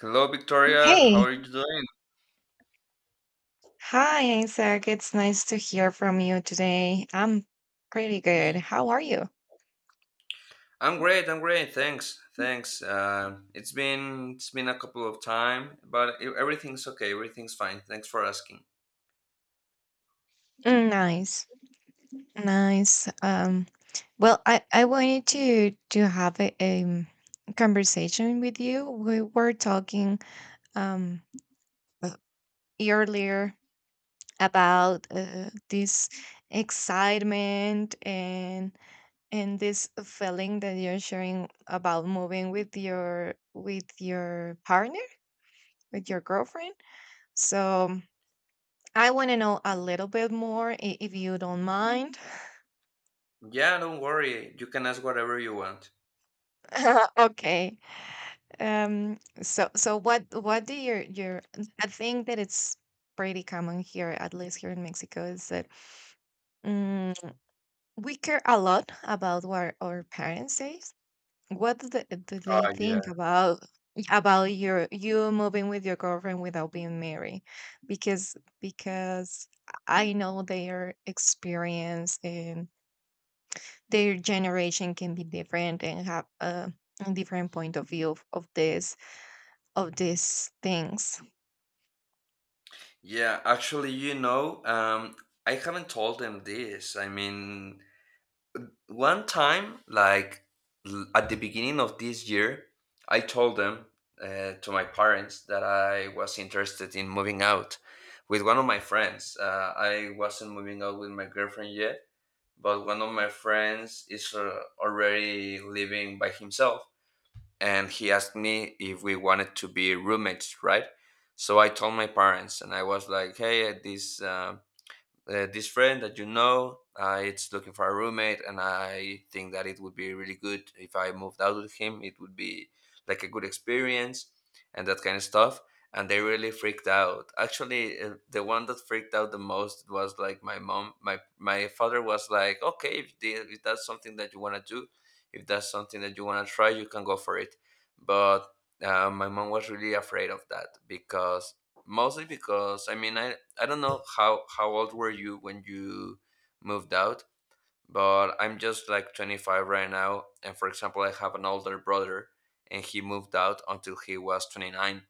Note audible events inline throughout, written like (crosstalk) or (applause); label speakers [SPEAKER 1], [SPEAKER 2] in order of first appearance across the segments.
[SPEAKER 1] Hello, Victoria. How
[SPEAKER 2] Hey.
[SPEAKER 1] are you doing?
[SPEAKER 2] Hi, Isaac. It's nice to hear from you today. I'm pretty good. How are you?
[SPEAKER 1] I'm great. I'm great. Thanks. Thanks. It's been a couple of time, but everything's okay. Everything's fine. Thanks for asking.
[SPEAKER 2] Mm, nice. Nice. Well, I wanted to have a conversation with you. We were talking um uh, earlier about this excitement and this feeling that you're sharing about moving with your partner, with your girlfriend. So I want to know a little bit more if you don't mind.
[SPEAKER 1] Yeah, don't worry. You can ask whatever you want.
[SPEAKER 2] (laughs) Okay. So what do your I think that it's pretty common here, at least here in Mexico, is that mm we care a lot about what our parents say. What do they
[SPEAKER 1] Oh, yeah.
[SPEAKER 2] think about you moving with your girlfriend without being married? Because I know their experience and their generation can be different and have a different point of view of this of these things.
[SPEAKER 1] Yeah, actually, I haven't told them this. I mean, one time like at the beginning of this year I told them, to my parents, that I was interested in moving out with one of my friends. I wasn't moving out with my girlfriend yet, but one of my friends is, already living by himself, and he asked me if we wanted to be roommates, right? So I told my parents and I was like, hey, this this friend that you know, it's looking for a roommate, and I think that it would be really good if I moved out with him. It would be like a good experience and that kind of stuff. And they really freaked out, actually. The one that freaked out the most was like my mom. My father was like, okay, if that's something that you want to do, if that's something that you want to try, you can go for it. But my mom was really afraid of that, because, mostly because, I mean, I don't know how old were you when you moved out, but I'm just like 25 right now, and for example, I have an older brother, and he moved out until he was 29.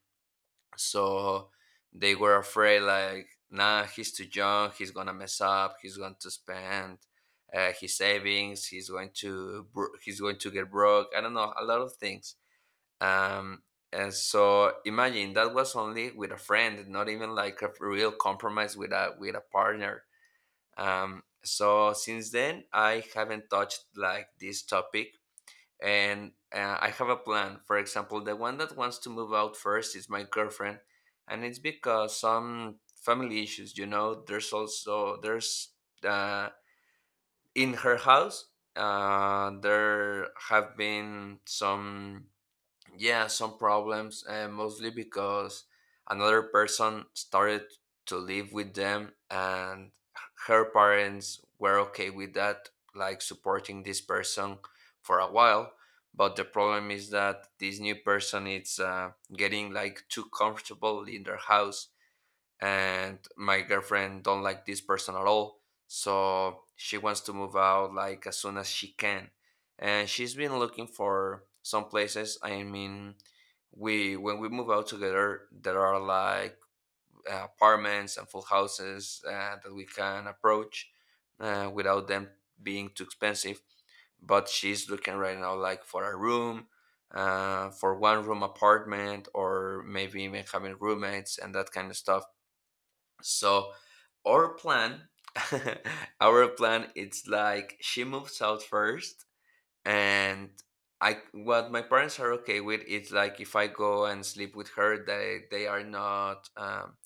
[SPEAKER 1] So they were afraid like, nah, he's too young, he's gonna mess up, he's going to spend. His savings, he's going to he's going to get broke, I don't know, a lot of things. um, and so imagine that was only with a friend, not even like a real compromise with a partner. So since then, I haven't touched like this topic, and I have a plan. For example, the one that wants to move out first is my girlfriend, and it's because some family issues. You know, there's also there's uh, in her house, there have been some, yeah, some problems, and mostly because another person started to live with them, and her parents were okay with that, like supporting this person for a while. But the problem is that this new person is, getting like too comfortable in their house, and my girlfriend don't like this person at all, so she wants to move out like as soon as she can. And she's been looking for some places. I mean, we when we move out together, there are like apartments and full houses that we can approach without them being too expensive. But she's looking right now like for a room, for one room apartment, or maybe even having roommates and that kind of stuff. So our plan, (laughs) our plan, it's like she moves out first, and I, what my parents are okay with is, like, if I go and sleep with her, they are not,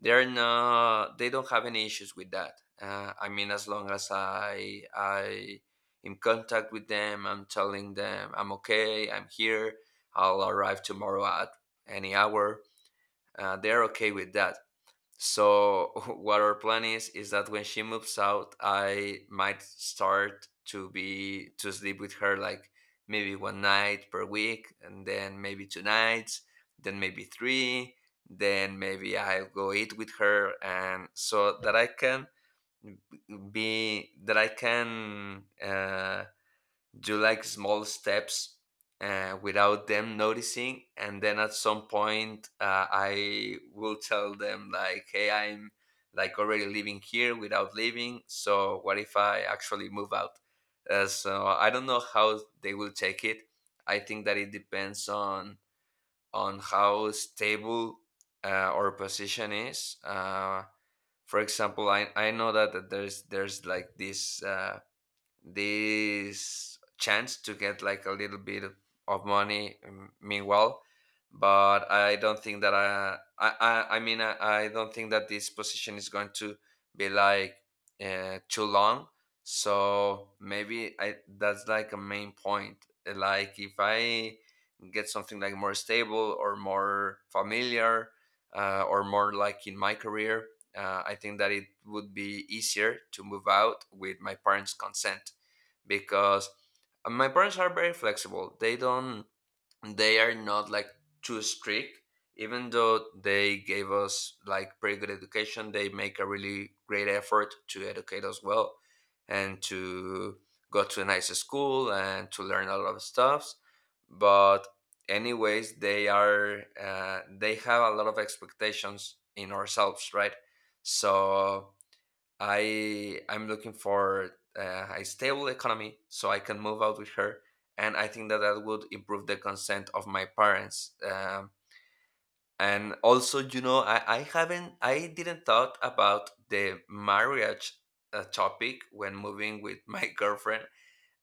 [SPEAKER 1] they are not, they don't have any issues with that. I mean, as long as I in contact with them, I'm telling them I'm okay, I'm here, I'll arrive tomorrow at any hour. They're okay with that. So (laughs) what our plan is that when she moves out, I might start to sleep with her like maybe one night per week, and then maybe two nights, then maybe three, then maybe I'll go eat with her, and so that I can be that I can uh, do like small steps without them noticing, and then at some point I will tell them like, hey, I'm like already living here without leaving, so what if I actually move out? So I don't know how they will take it. I think that it depends on how stable our position is. For example, I know that, that there's like this this chance to get like a little bit of money, meanwhile. But I don't think that I mean, I don't think that this position is going to be like too long. So maybe I that's like a main point. Like, if I get something like more stable or more familiar or more like in my career, I think that it would be easier to move out with my parents consent. Because my parents are very flexible. They don't, they are not like too strict. Even though they gave us like pretty good education, they make a really great effort to educate us well and to go to a nice school and to learn a lot of stuffs. But anyways, they are, they have a lot of expectations in ourselves, right? So I'm looking for a stable economy so I can move out with her, and I think that that would improve the consent of my parents. And also, you know, I didn't thought about the marriage topic when moving with my (laughs) girlfriend,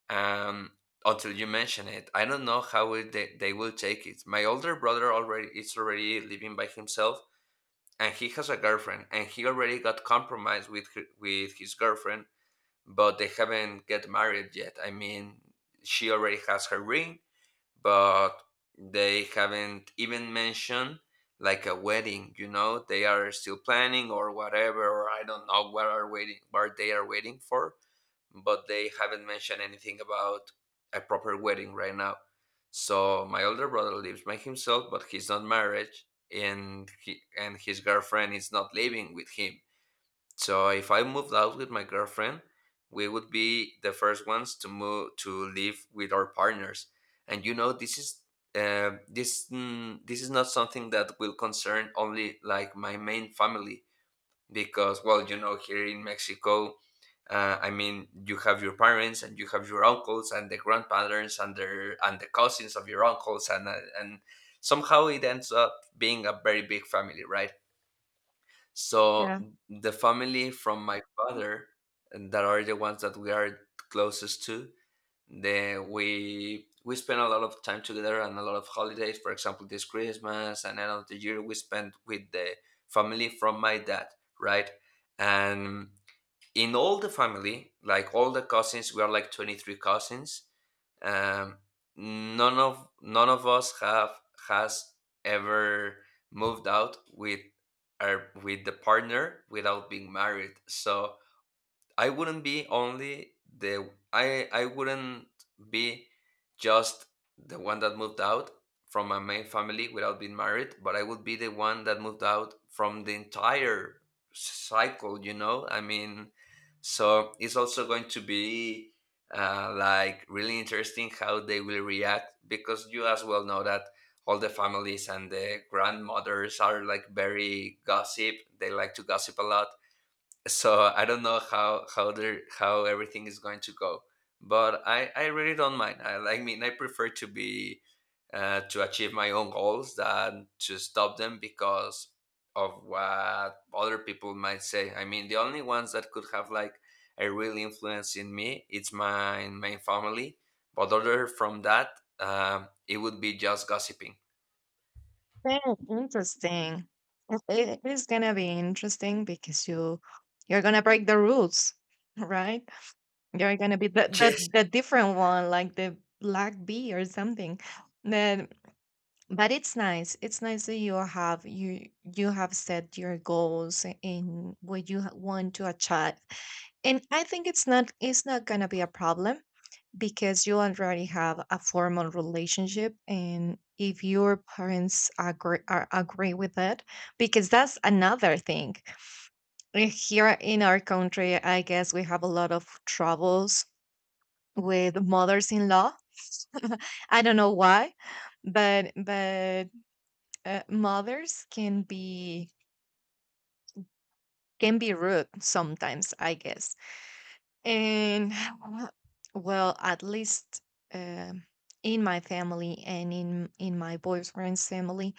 [SPEAKER 1] um, until you mention it. I don't know how they will take it. My older brother already is already living by himself, and he has a girlfriend, and he already got compromised with her, with his girlfriend, but they haven't get married yet. I mean, she already has her ring, but they haven't even mentioned like a wedding. You know, they are still planning or whatever, or I don't know what are waiting, what they are waiting for, but they haven't mentioned anything about a proper wedding right now. So my older brother lives by himself, but he's not married, and he, and his girlfriend is not living with him. So if I moved out with my girlfriend, we would be the first ones to move to live with our partners. And you know, this is, this is not something that will concern only like my main family. Because, well, you know, here in Mexico, I mean, you have your parents and you have your uncles and the grandparents and their, and the cousins of your uncles, and and somehow it ends up being a very big family, right?
[SPEAKER 2] Yeah,
[SPEAKER 1] So the family from my father, and that are the ones that we are closest to, they we spend a lot of time together and a lot of holidays. For example, this Christmas and end of the year we spent with the family from my dad, right? And in all the family, like all the cousins, we are like 23 cousins. Um, none of us have has ever moved out with our with the partner without being married. So I wouldn't be only the, I wouldn't be just the one that moved out from my main family without being married, but I would be the one that moved out from the entire cycle, you know? I mean, so it's also going to be like really interesting how they will react, because you as well know that all the families and the grandmothers are like very gossip. They like to gossip a lot. So I don't know how they, how everything is going to go, but I really don't mind. I mean, I prefer to be to achieve my own goals than to stop them because of what other people might say. I mean, the only ones that could have like a real influence in me, it's my family, but other from that, it would be just gossiping.
[SPEAKER 2] very interesting. It is gonna be interesting because you're gonna break the rules. (laughs) Right, you're gonna be
[SPEAKER 1] (laughs) Yes.
[SPEAKER 2] the different one, like the black bee or something. Then, but it's nice, it's nice that you have set your goals and what you want to achieve, and I think it's not, it's not going to be a problem because you already have a formal relationship, and if your parents agree with it, because that's another thing. Eh, here in our country I guess we have a lot of troubles with mothers-in-law. I don't know why, but mothers can be, can be rude sometimes, I guess. And (sighs) well, at least um in my family and in my boyfriend's family,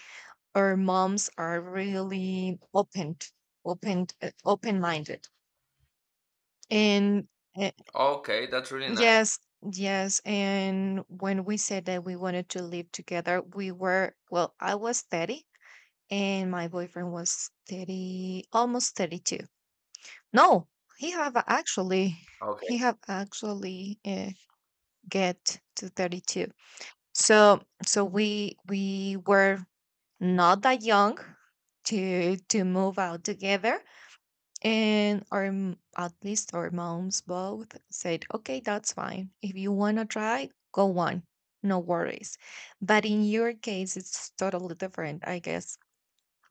[SPEAKER 2] our moms are really open, open, open minded and uh,
[SPEAKER 1] Okay, that's really nice.
[SPEAKER 2] yes, yes, and when we said that we wanted to live together, we were, well, I was 30 and my boyfriend was 30, almost 32. No, he have actually,
[SPEAKER 1] Okay.
[SPEAKER 2] he have actually uh, get to 32. So so we were not that young to move out together, and our at least our moms both said okay, that's fine, if you want to try, go on, no worries. But in your case, it's totally different, I guess,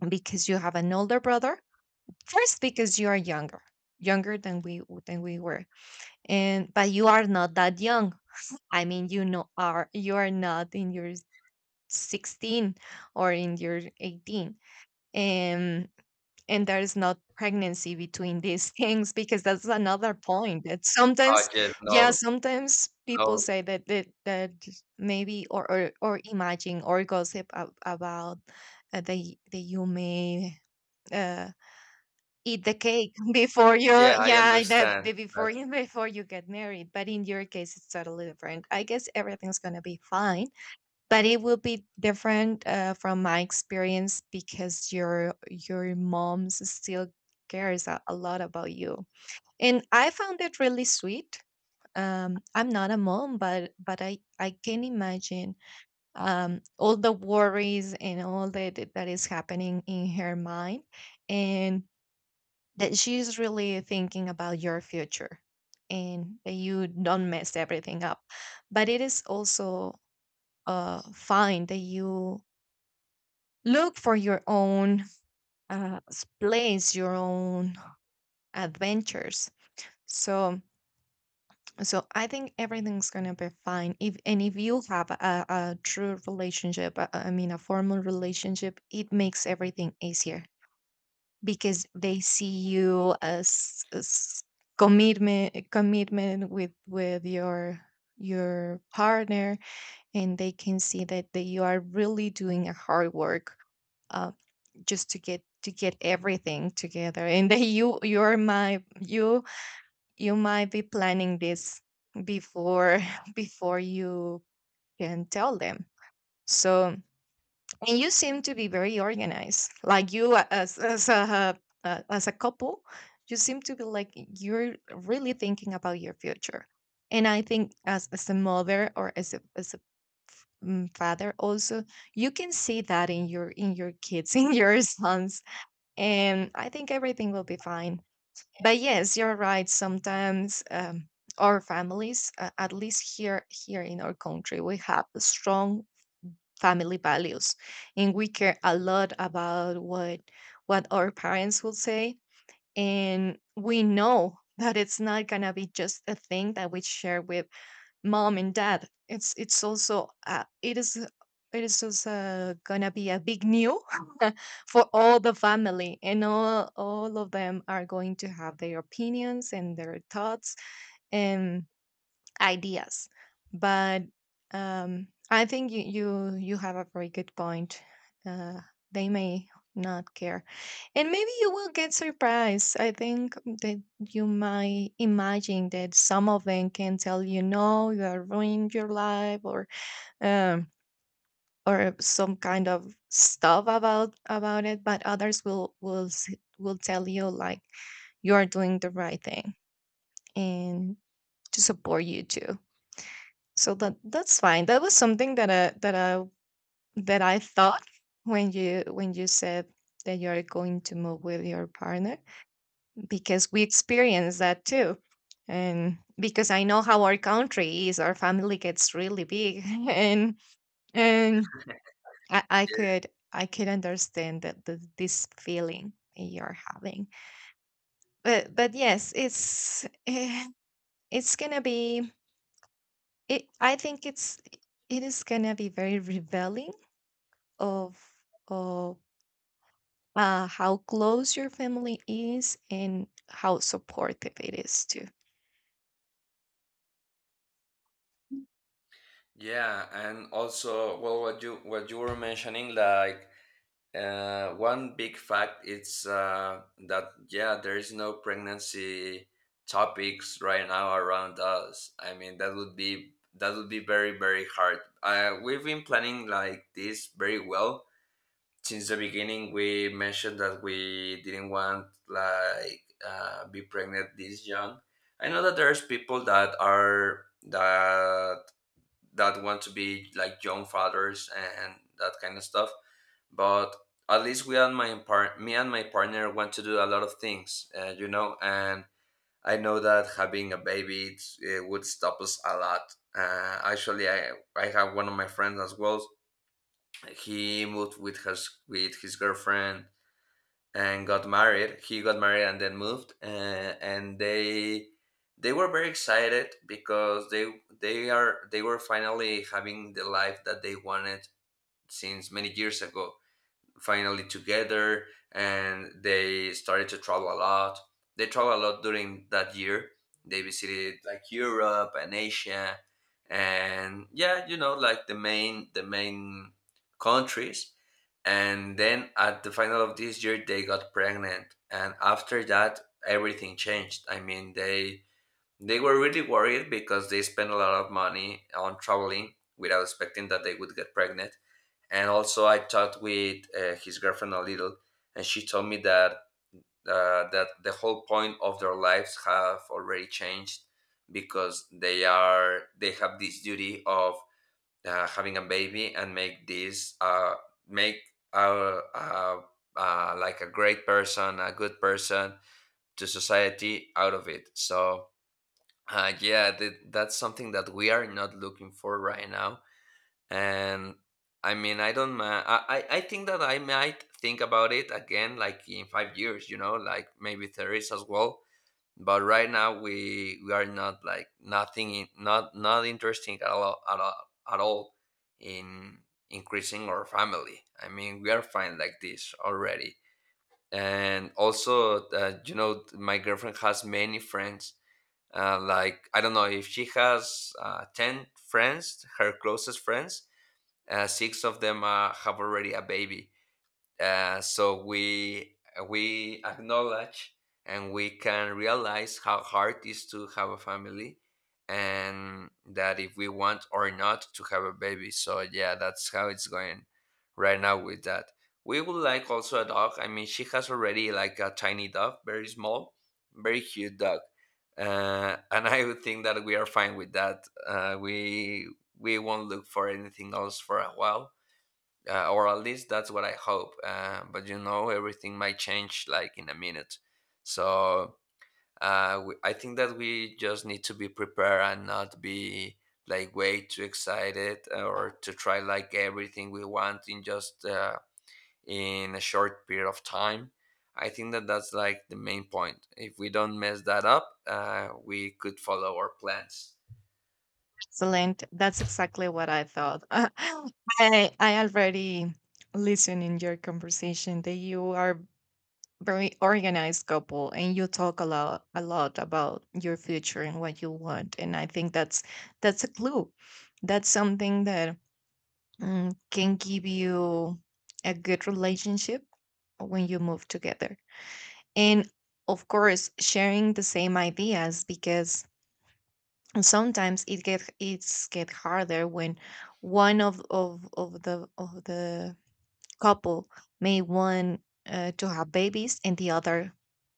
[SPEAKER 2] because you have an older brother. First, because you are younger, than we, were. And but you are not that young, I mean, you know, are you are not in your 16 or in your 18. And there is not pregnancy between these (laughs) things, because that's another point that
[SPEAKER 1] Oh
[SPEAKER 2] sometimes,
[SPEAKER 1] yes,
[SPEAKER 2] yeah,
[SPEAKER 1] no,
[SPEAKER 2] sometimes people
[SPEAKER 1] no.
[SPEAKER 2] say that maybe, or or imagine or gossip about the human, uh, eat the cake (laughs) before you,
[SPEAKER 1] Yeah, I
[SPEAKER 2] yeah,
[SPEAKER 1] understand.
[SPEAKER 2] the before you (laughs) before you get married. But in your case, it's totally different, I guess. Everything's going to be fine. But it will be different from my experience, because your mom still cares a lot about you, and I found it really sweet. Um, I'm not a mom, but I can imagine, all the worries and all that that is happening in her mind, and that she's really thinking about your future and that you don't mess everything up. But it is also fine that you look for your own place, your own adventures. So, so I think everything's gonna be fine. If, and if you have a true relationship, I mean, a formal relationship, it makes everything easier, because they see you as commitment, commitment with your partner. And they can see that you are really doing a hard work, uh, just to get everything together, and that you you're my you you might be planning this before (laughs) before you can tell them. So, and you seem to be very organized. Like as a couple, you seem to be like you're really thinking about your future. And I think as a mother, or as a father also, you can see that in your kids (laughs) in your sons, and I think everything will be fine. But yes, you're right, sometimes, our families, at least here, here in our country, we have strong family values, and we care a lot about what our parents will say. And we know that it's not gonna be just a thing that we share with mom and dad. It is, it is also gonna be a big new (laughs) for all the family, and all of them are going to have their opinions and their thoughts and ideas. But I think you you have a very good point. Uh, they may not care, and maybe you will get surprised. I think that you might imagine that some of them can tell you, no, you are ruining your life, um, or some kind of stuff about it. But others will will tell you like, you are doing the right thing, and to support you too. So that, that's fine. That was something that I thought when you said that you're going to move with your partner, because we experienced that too. And because I know how our country is, our family gets really big (laughs) and and I could, I could understand this feeling that you're having. But yes, it's it's gonna be, it, I think it's, it is gonna be very revealing of of how close your family is and how supportive it is too.
[SPEAKER 1] Yeah, and also, well, what you were mentioning, like, one big fact is, that, yeah, there is no pregnancy topics right now around us. I mean, that would be, that would be very very hard. We've been planning like this very well since the beginning. We mentioned that we didn't want like, be pregnant this young. I know that there's people that are that that want to be like young fathers and that kind of stuff. But at least we and my me and my partner want to do a lot of things, you know. And I know that having a baby, it would stop us a lot. Actually, I have one of my friends as well. He moved with his girlfriend and got married. He got married and then moved, and they were very excited because they were finally having the life that they wanted since many years ago, finally together, and they started to travel a lot. They traveled a lot during that year. They visited like Europe and Asia, and yeah, like the main countries. And then at the final of this year they got pregnant, and after that everything changed. I mean, they were really worried because they spent a lot of money on traveling without expecting that they would get pregnant. And also, I talked with his girlfriend a little, and she told me that the whole point of their lives have already changed, because they have this duty of having a baby and make this make uh, uh, like a great person, a good person to society out of it. So yeah, that's something that we are not looking for right now. And I mean, I don't ma- I think that I might think about it again, like in 5 years, like maybe there is as well. But right now we are not, like, nothing in, not interesting at all at all, at all, in increasing our family. I mean, we are fine like this already. And also, my girlfriend has many friends. Like, I don't know if she has, 10 friends, her closest friends. Six of them, have already a baby. So we acknowledge, and we can realize how hard it is to have a family, and that if we want or not to have a baby. So, yeah, that's how it's going right now with that. We would like also a dog. I mean, she has already like a tiny dog, very small, very cute dog, and (laughs) I would think that we are fine with that. We won't look for anything else for a while, or at least that's what I hope. But everything might change, like, in a minute. So I think that we just need to be prepared and not be, like, way too excited, or to try like everything we want in just in a short period of time. I think that that's like the main point. If we don't mess that up, we could follow our plans.
[SPEAKER 2] Excellent. That's exactly what I thought. (laughs) I already listen in your conversation that you are very organized couple, and you talk a lot, a lot about your future and what you want, and I think that's a clue. That's something that can give you a good relationship when you move together. And of course, sharing the same ideas, because sometimes it's get harder when one of the couple may want to have babies and the other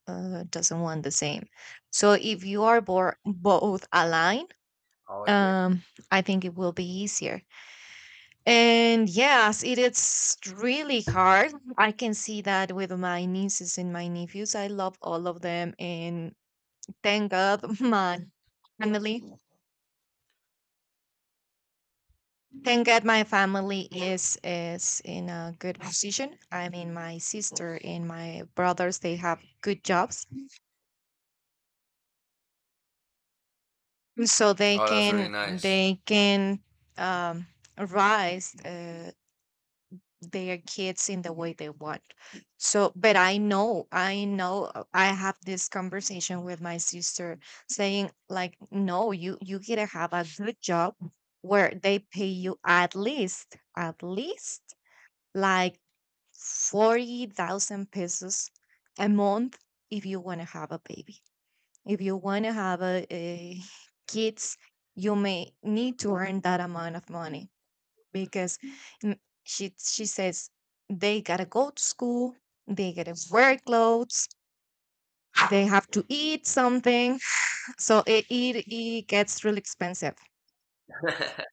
[SPEAKER 2] doesn't want the same. So if you are both aligned,
[SPEAKER 1] Oh, yeah.
[SPEAKER 2] um I think it will be easier. And yes, it is really hard. I can see that with my nieces and my nephews. I love all of them. And thank God my family. Thank God my family is in a good position. I mean, my sister and my brothers, they have good jobs, so they
[SPEAKER 1] Oh, that's really
[SPEAKER 2] can,
[SPEAKER 1] nice.
[SPEAKER 2] they can um rise their kids in the way they want. So, but I know, I know, I have this conversation with my sister saying like, no, you gotta have a good job where they pay you at least like 40,000 pesos a month if you want to have a baby. If you want to have a kids, you may need to earn that amount of money, because n- she says they gotta go to school, they gotta wear clothes, they have to eat something, (laughs) so it gets really expensive.
[SPEAKER 1] (laughs)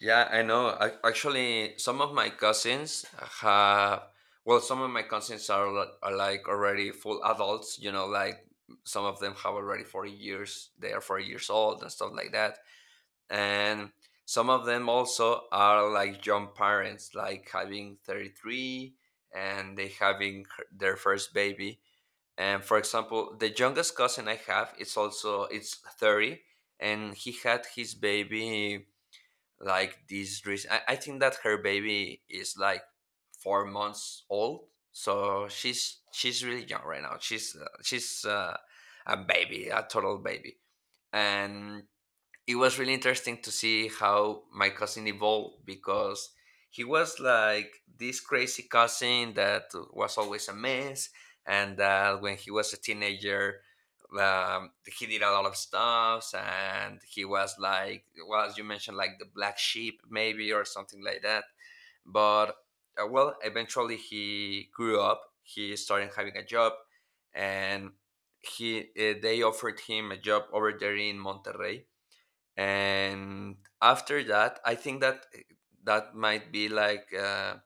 [SPEAKER 1] Yeah, I know. I, actually, some of my cousins have, well, Some of my cousins are like already full adults, you know, like some of them have already 40 years, they are 40 years old and stuff like that. And some of them also are like young parents, like having 33, and they having their first baby. And for example, the youngest cousin I have, it's also, it's 30, and he had his baby. Like, this reason, I think that her baby is like 4 months old, so she's really young right now. She's a total baby. And it was really interesting to see how my cousin evolved, because he was like this crazy cousin that was always a mess, and that when he was a teenager, he did a lot of stuff. And he was like, well, as you mentioned, like the black sheep, maybe, or something like that. But well, eventually he grew up. He started having a job. And he they offered him a job over there in Monterrey. And after that, I think that that might be like uh,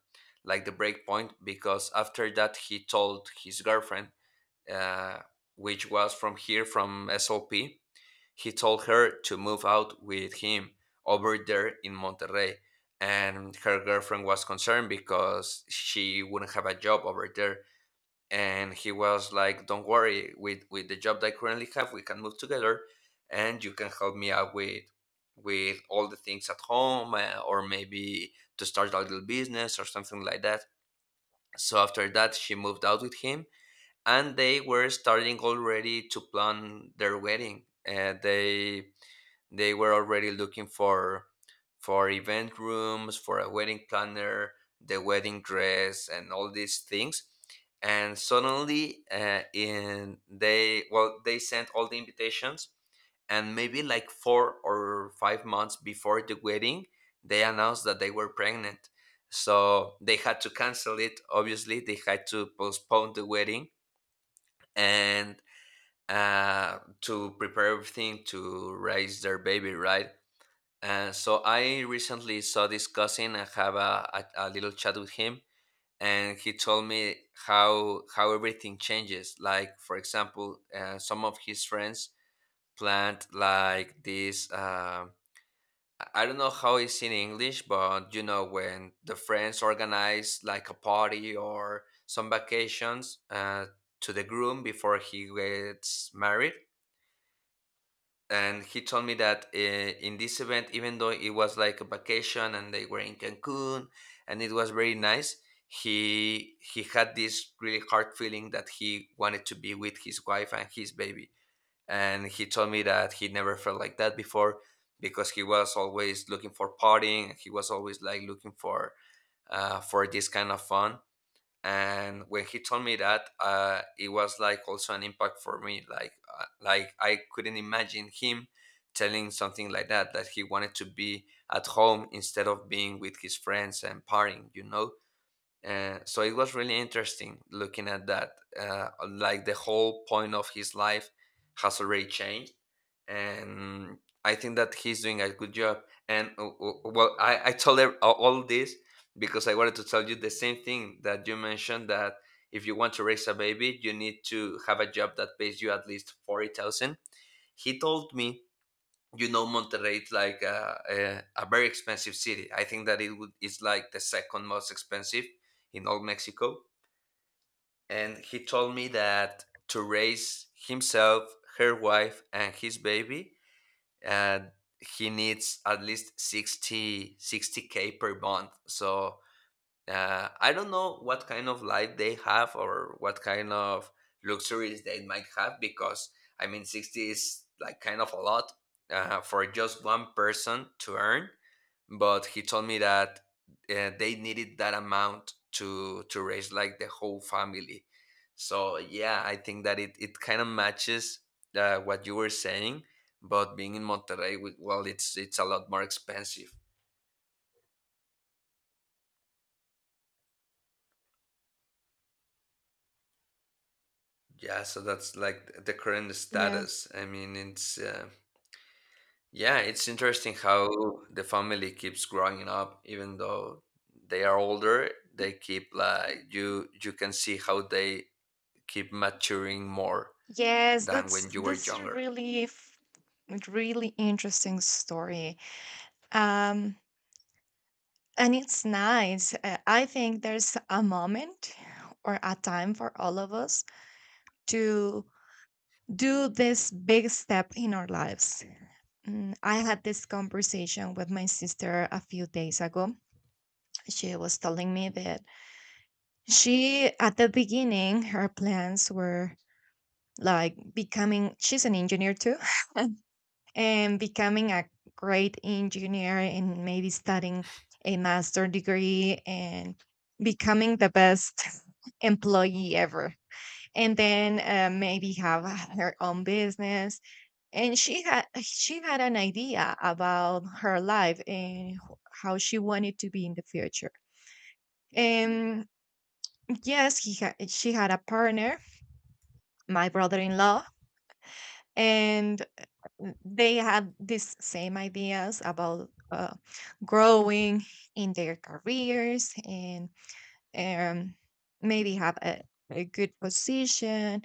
[SPEAKER 1] like the break point, because after that he told his girlfriend, uh, which was from here, from Sop, he told her to move out with him over there in Monterrey. And her girlfriend was concerned because she wouldn't have a job over there. And he was like, don't worry, with the job that I currently have, we can move together, and you can help me out with all the things at home, or maybe to start a little business or something like that. So after that, she moved out with him, and they were starting already to plan their wedding. They were already looking for event rooms, for a wedding planner, the wedding dress, and all these things. And suddenly, they sent all the invitations, and maybe like 4 or 5 months before the wedding, they announced that they were pregnant. So they had to cancel it. Obviously, they had to postpone the wedding, and to prepare everything to raise their baby, right? So I recently saw this cousin and have a little chat with him, and he told me how everything changes. Like, for example, some of his friends plant like this. I don't know how it's in English, but you know, when the friends organize like a party or some vacations, to the groom before he gets married. And he told me that in this event, even though it was like a vacation and they were in Cancun, and it was very nice, he had this really hard feeling that he wanted to be with his wife and his baby. And he told me that he never felt like that before, because he was always looking for partying. He was always, like, looking for this kind of fun. And when he told me that, it was like also an impact for me, like like I couldn't imagine him telling something like that, that he wanted to be at home instead of being with his friends and partying. So it was really interesting looking at that. Like, the whole point of his life has already changed, and I think that he's doing a good job. And well, I told her all this, because I wanted to tell you the same thing that you mentioned, that if you want to raise a baby, you need to have a job that pays you at least 40,000. He told me, Monterrey is like a very expensive city. I think that it would is like the second most expensive in all Mexico. And he told me that, to raise himself, her wife, and his baby, uh, he needs at least sixty k per month. So, I don't know what kind of life they have or what kind of luxuries they might have, because, I mean, 60 is like kind of a lot, for just one person to earn. But he told me that they needed that amount to raise, like, the whole family. So, yeah, I think that it kind of matches what you were saying. But being in Monterrey, with well, it's a lot more expensive. Yeah, so that's like the current
[SPEAKER 2] Yes.
[SPEAKER 1] status. I mean, it's interesting how the family keeps growing up, even though they are older. They keep, like, you — you can see how they keep maturing more
[SPEAKER 2] Yes,
[SPEAKER 1] than when you were
[SPEAKER 2] that's a
[SPEAKER 1] younger.
[SPEAKER 2] really interesting story. Um, and it's nice. I think there's a moment or a time for all of us to do this big step in our lives. Mm, I had this conversation with my sister a few days ago. She was telling me that at the beginning, her plans were like becoming, she's an engineer too, (laughs) and becoming a great engineer, and maybe studying a master degree, and becoming the best (laughs) employee ever. And then maybe have her own business. And she had an idea about her life and how she wanted to be in the future. And yes, he had she had a partner, my brother-in-law, and they had these same ideas about growing in their careers and um, maybe have a good position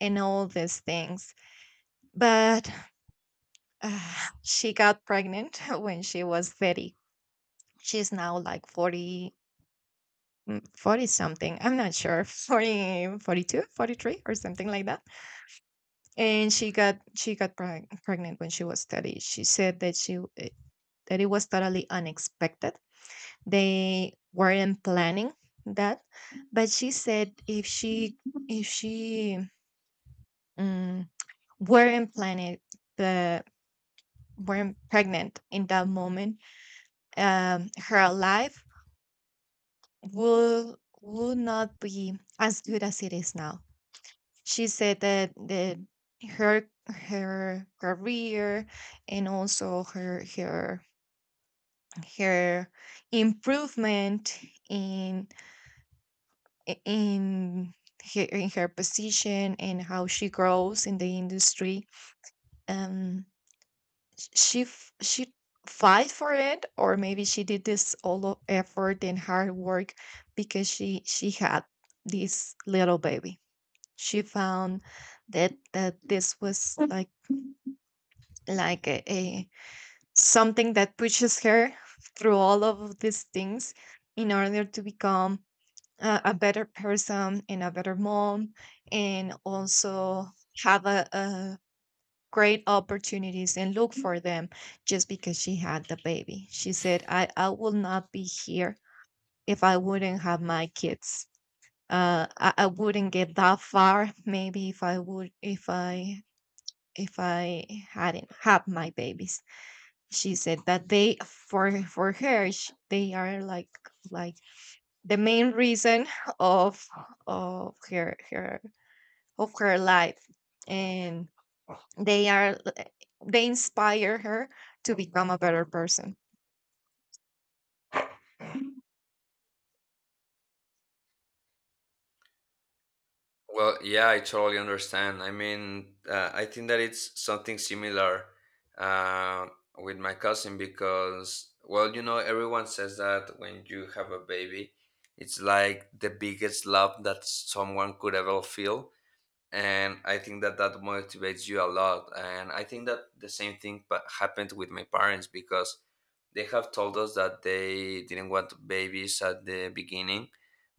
[SPEAKER 2] and all these things. But (sighs) uh, she got pregnant (laughs) when she was 30. She's now like 40, 40 something, I'm not sure. (laughs) 40, 42, 43, or something like that. And she got pregnant when she was 30. She said that that it was totally unexpected. They weren't planning that. But she said if she, if she mm, weren't planning the weren't pregnant in that moment, um, her life will not be as good as it is now. She said that the her her career, and also her her her improvement in i- in her, in her position, and how she grows in the industry, um, she fight for it, or maybe she did this all effort and hard work, because she had this little baby. She found that that this was like a something that pushes her through all of these things in order to become a better person and a better mom, and also have a great opportunities and look for them, just because she had the baby. She said, I will not be here if I wouldn't have my kids. Uh, I wouldn't get that far, maybe, if I would, if I hadn't had my babies. She said that they for her, sh they are like the main reason of of her her of her life, and they are, they inspire her to become a better person.
[SPEAKER 1] Well, yeah, I totally understand. I mean, I think that it's something similar uh, with my cousin, because, well, everyone says that when you have a baby, it's like the biggest love that someone could ever feel. And I think that that motivates you a lot. And I think that the same thing but happened with my parents, because they have told us that they didn't want babies at the beginning,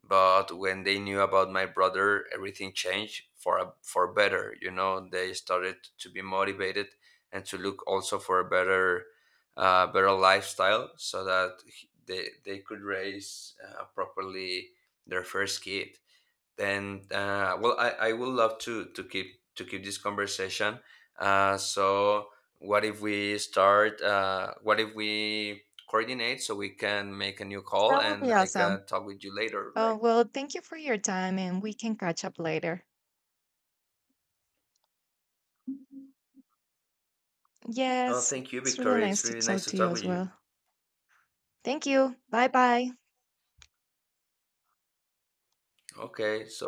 [SPEAKER 1] but when they knew about my brother, everything changed for better. You know, they started to be motivated and to look also for a better lifestyle, so that they could raise, properly, their first kid. And well, I would love to keep this conversation, so what if we coordinate, so we can make a new
[SPEAKER 2] So
[SPEAKER 1] call,
[SPEAKER 2] that would
[SPEAKER 1] and
[SPEAKER 2] be
[SPEAKER 1] I
[SPEAKER 2] awesome.
[SPEAKER 1] can talk with you later, right?
[SPEAKER 2] Well, thank you for your time, and we can catch up later.
[SPEAKER 1] Oh,
[SPEAKER 2] Yes,
[SPEAKER 1] thank you,
[SPEAKER 2] it's really
[SPEAKER 1] Victoria,
[SPEAKER 2] nice
[SPEAKER 1] it's
[SPEAKER 2] to
[SPEAKER 1] really
[SPEAKER 2] talk
[SPEAKER 1] nice to
[SPEAKER 2] to you
[SPEAKER 1] talk
[SPEAKER 2] as
[SPEAKER 1] with you.
[SPEAKER 2] well. Thank you. Bye bye.
[SPEAKER 1] Okay, so,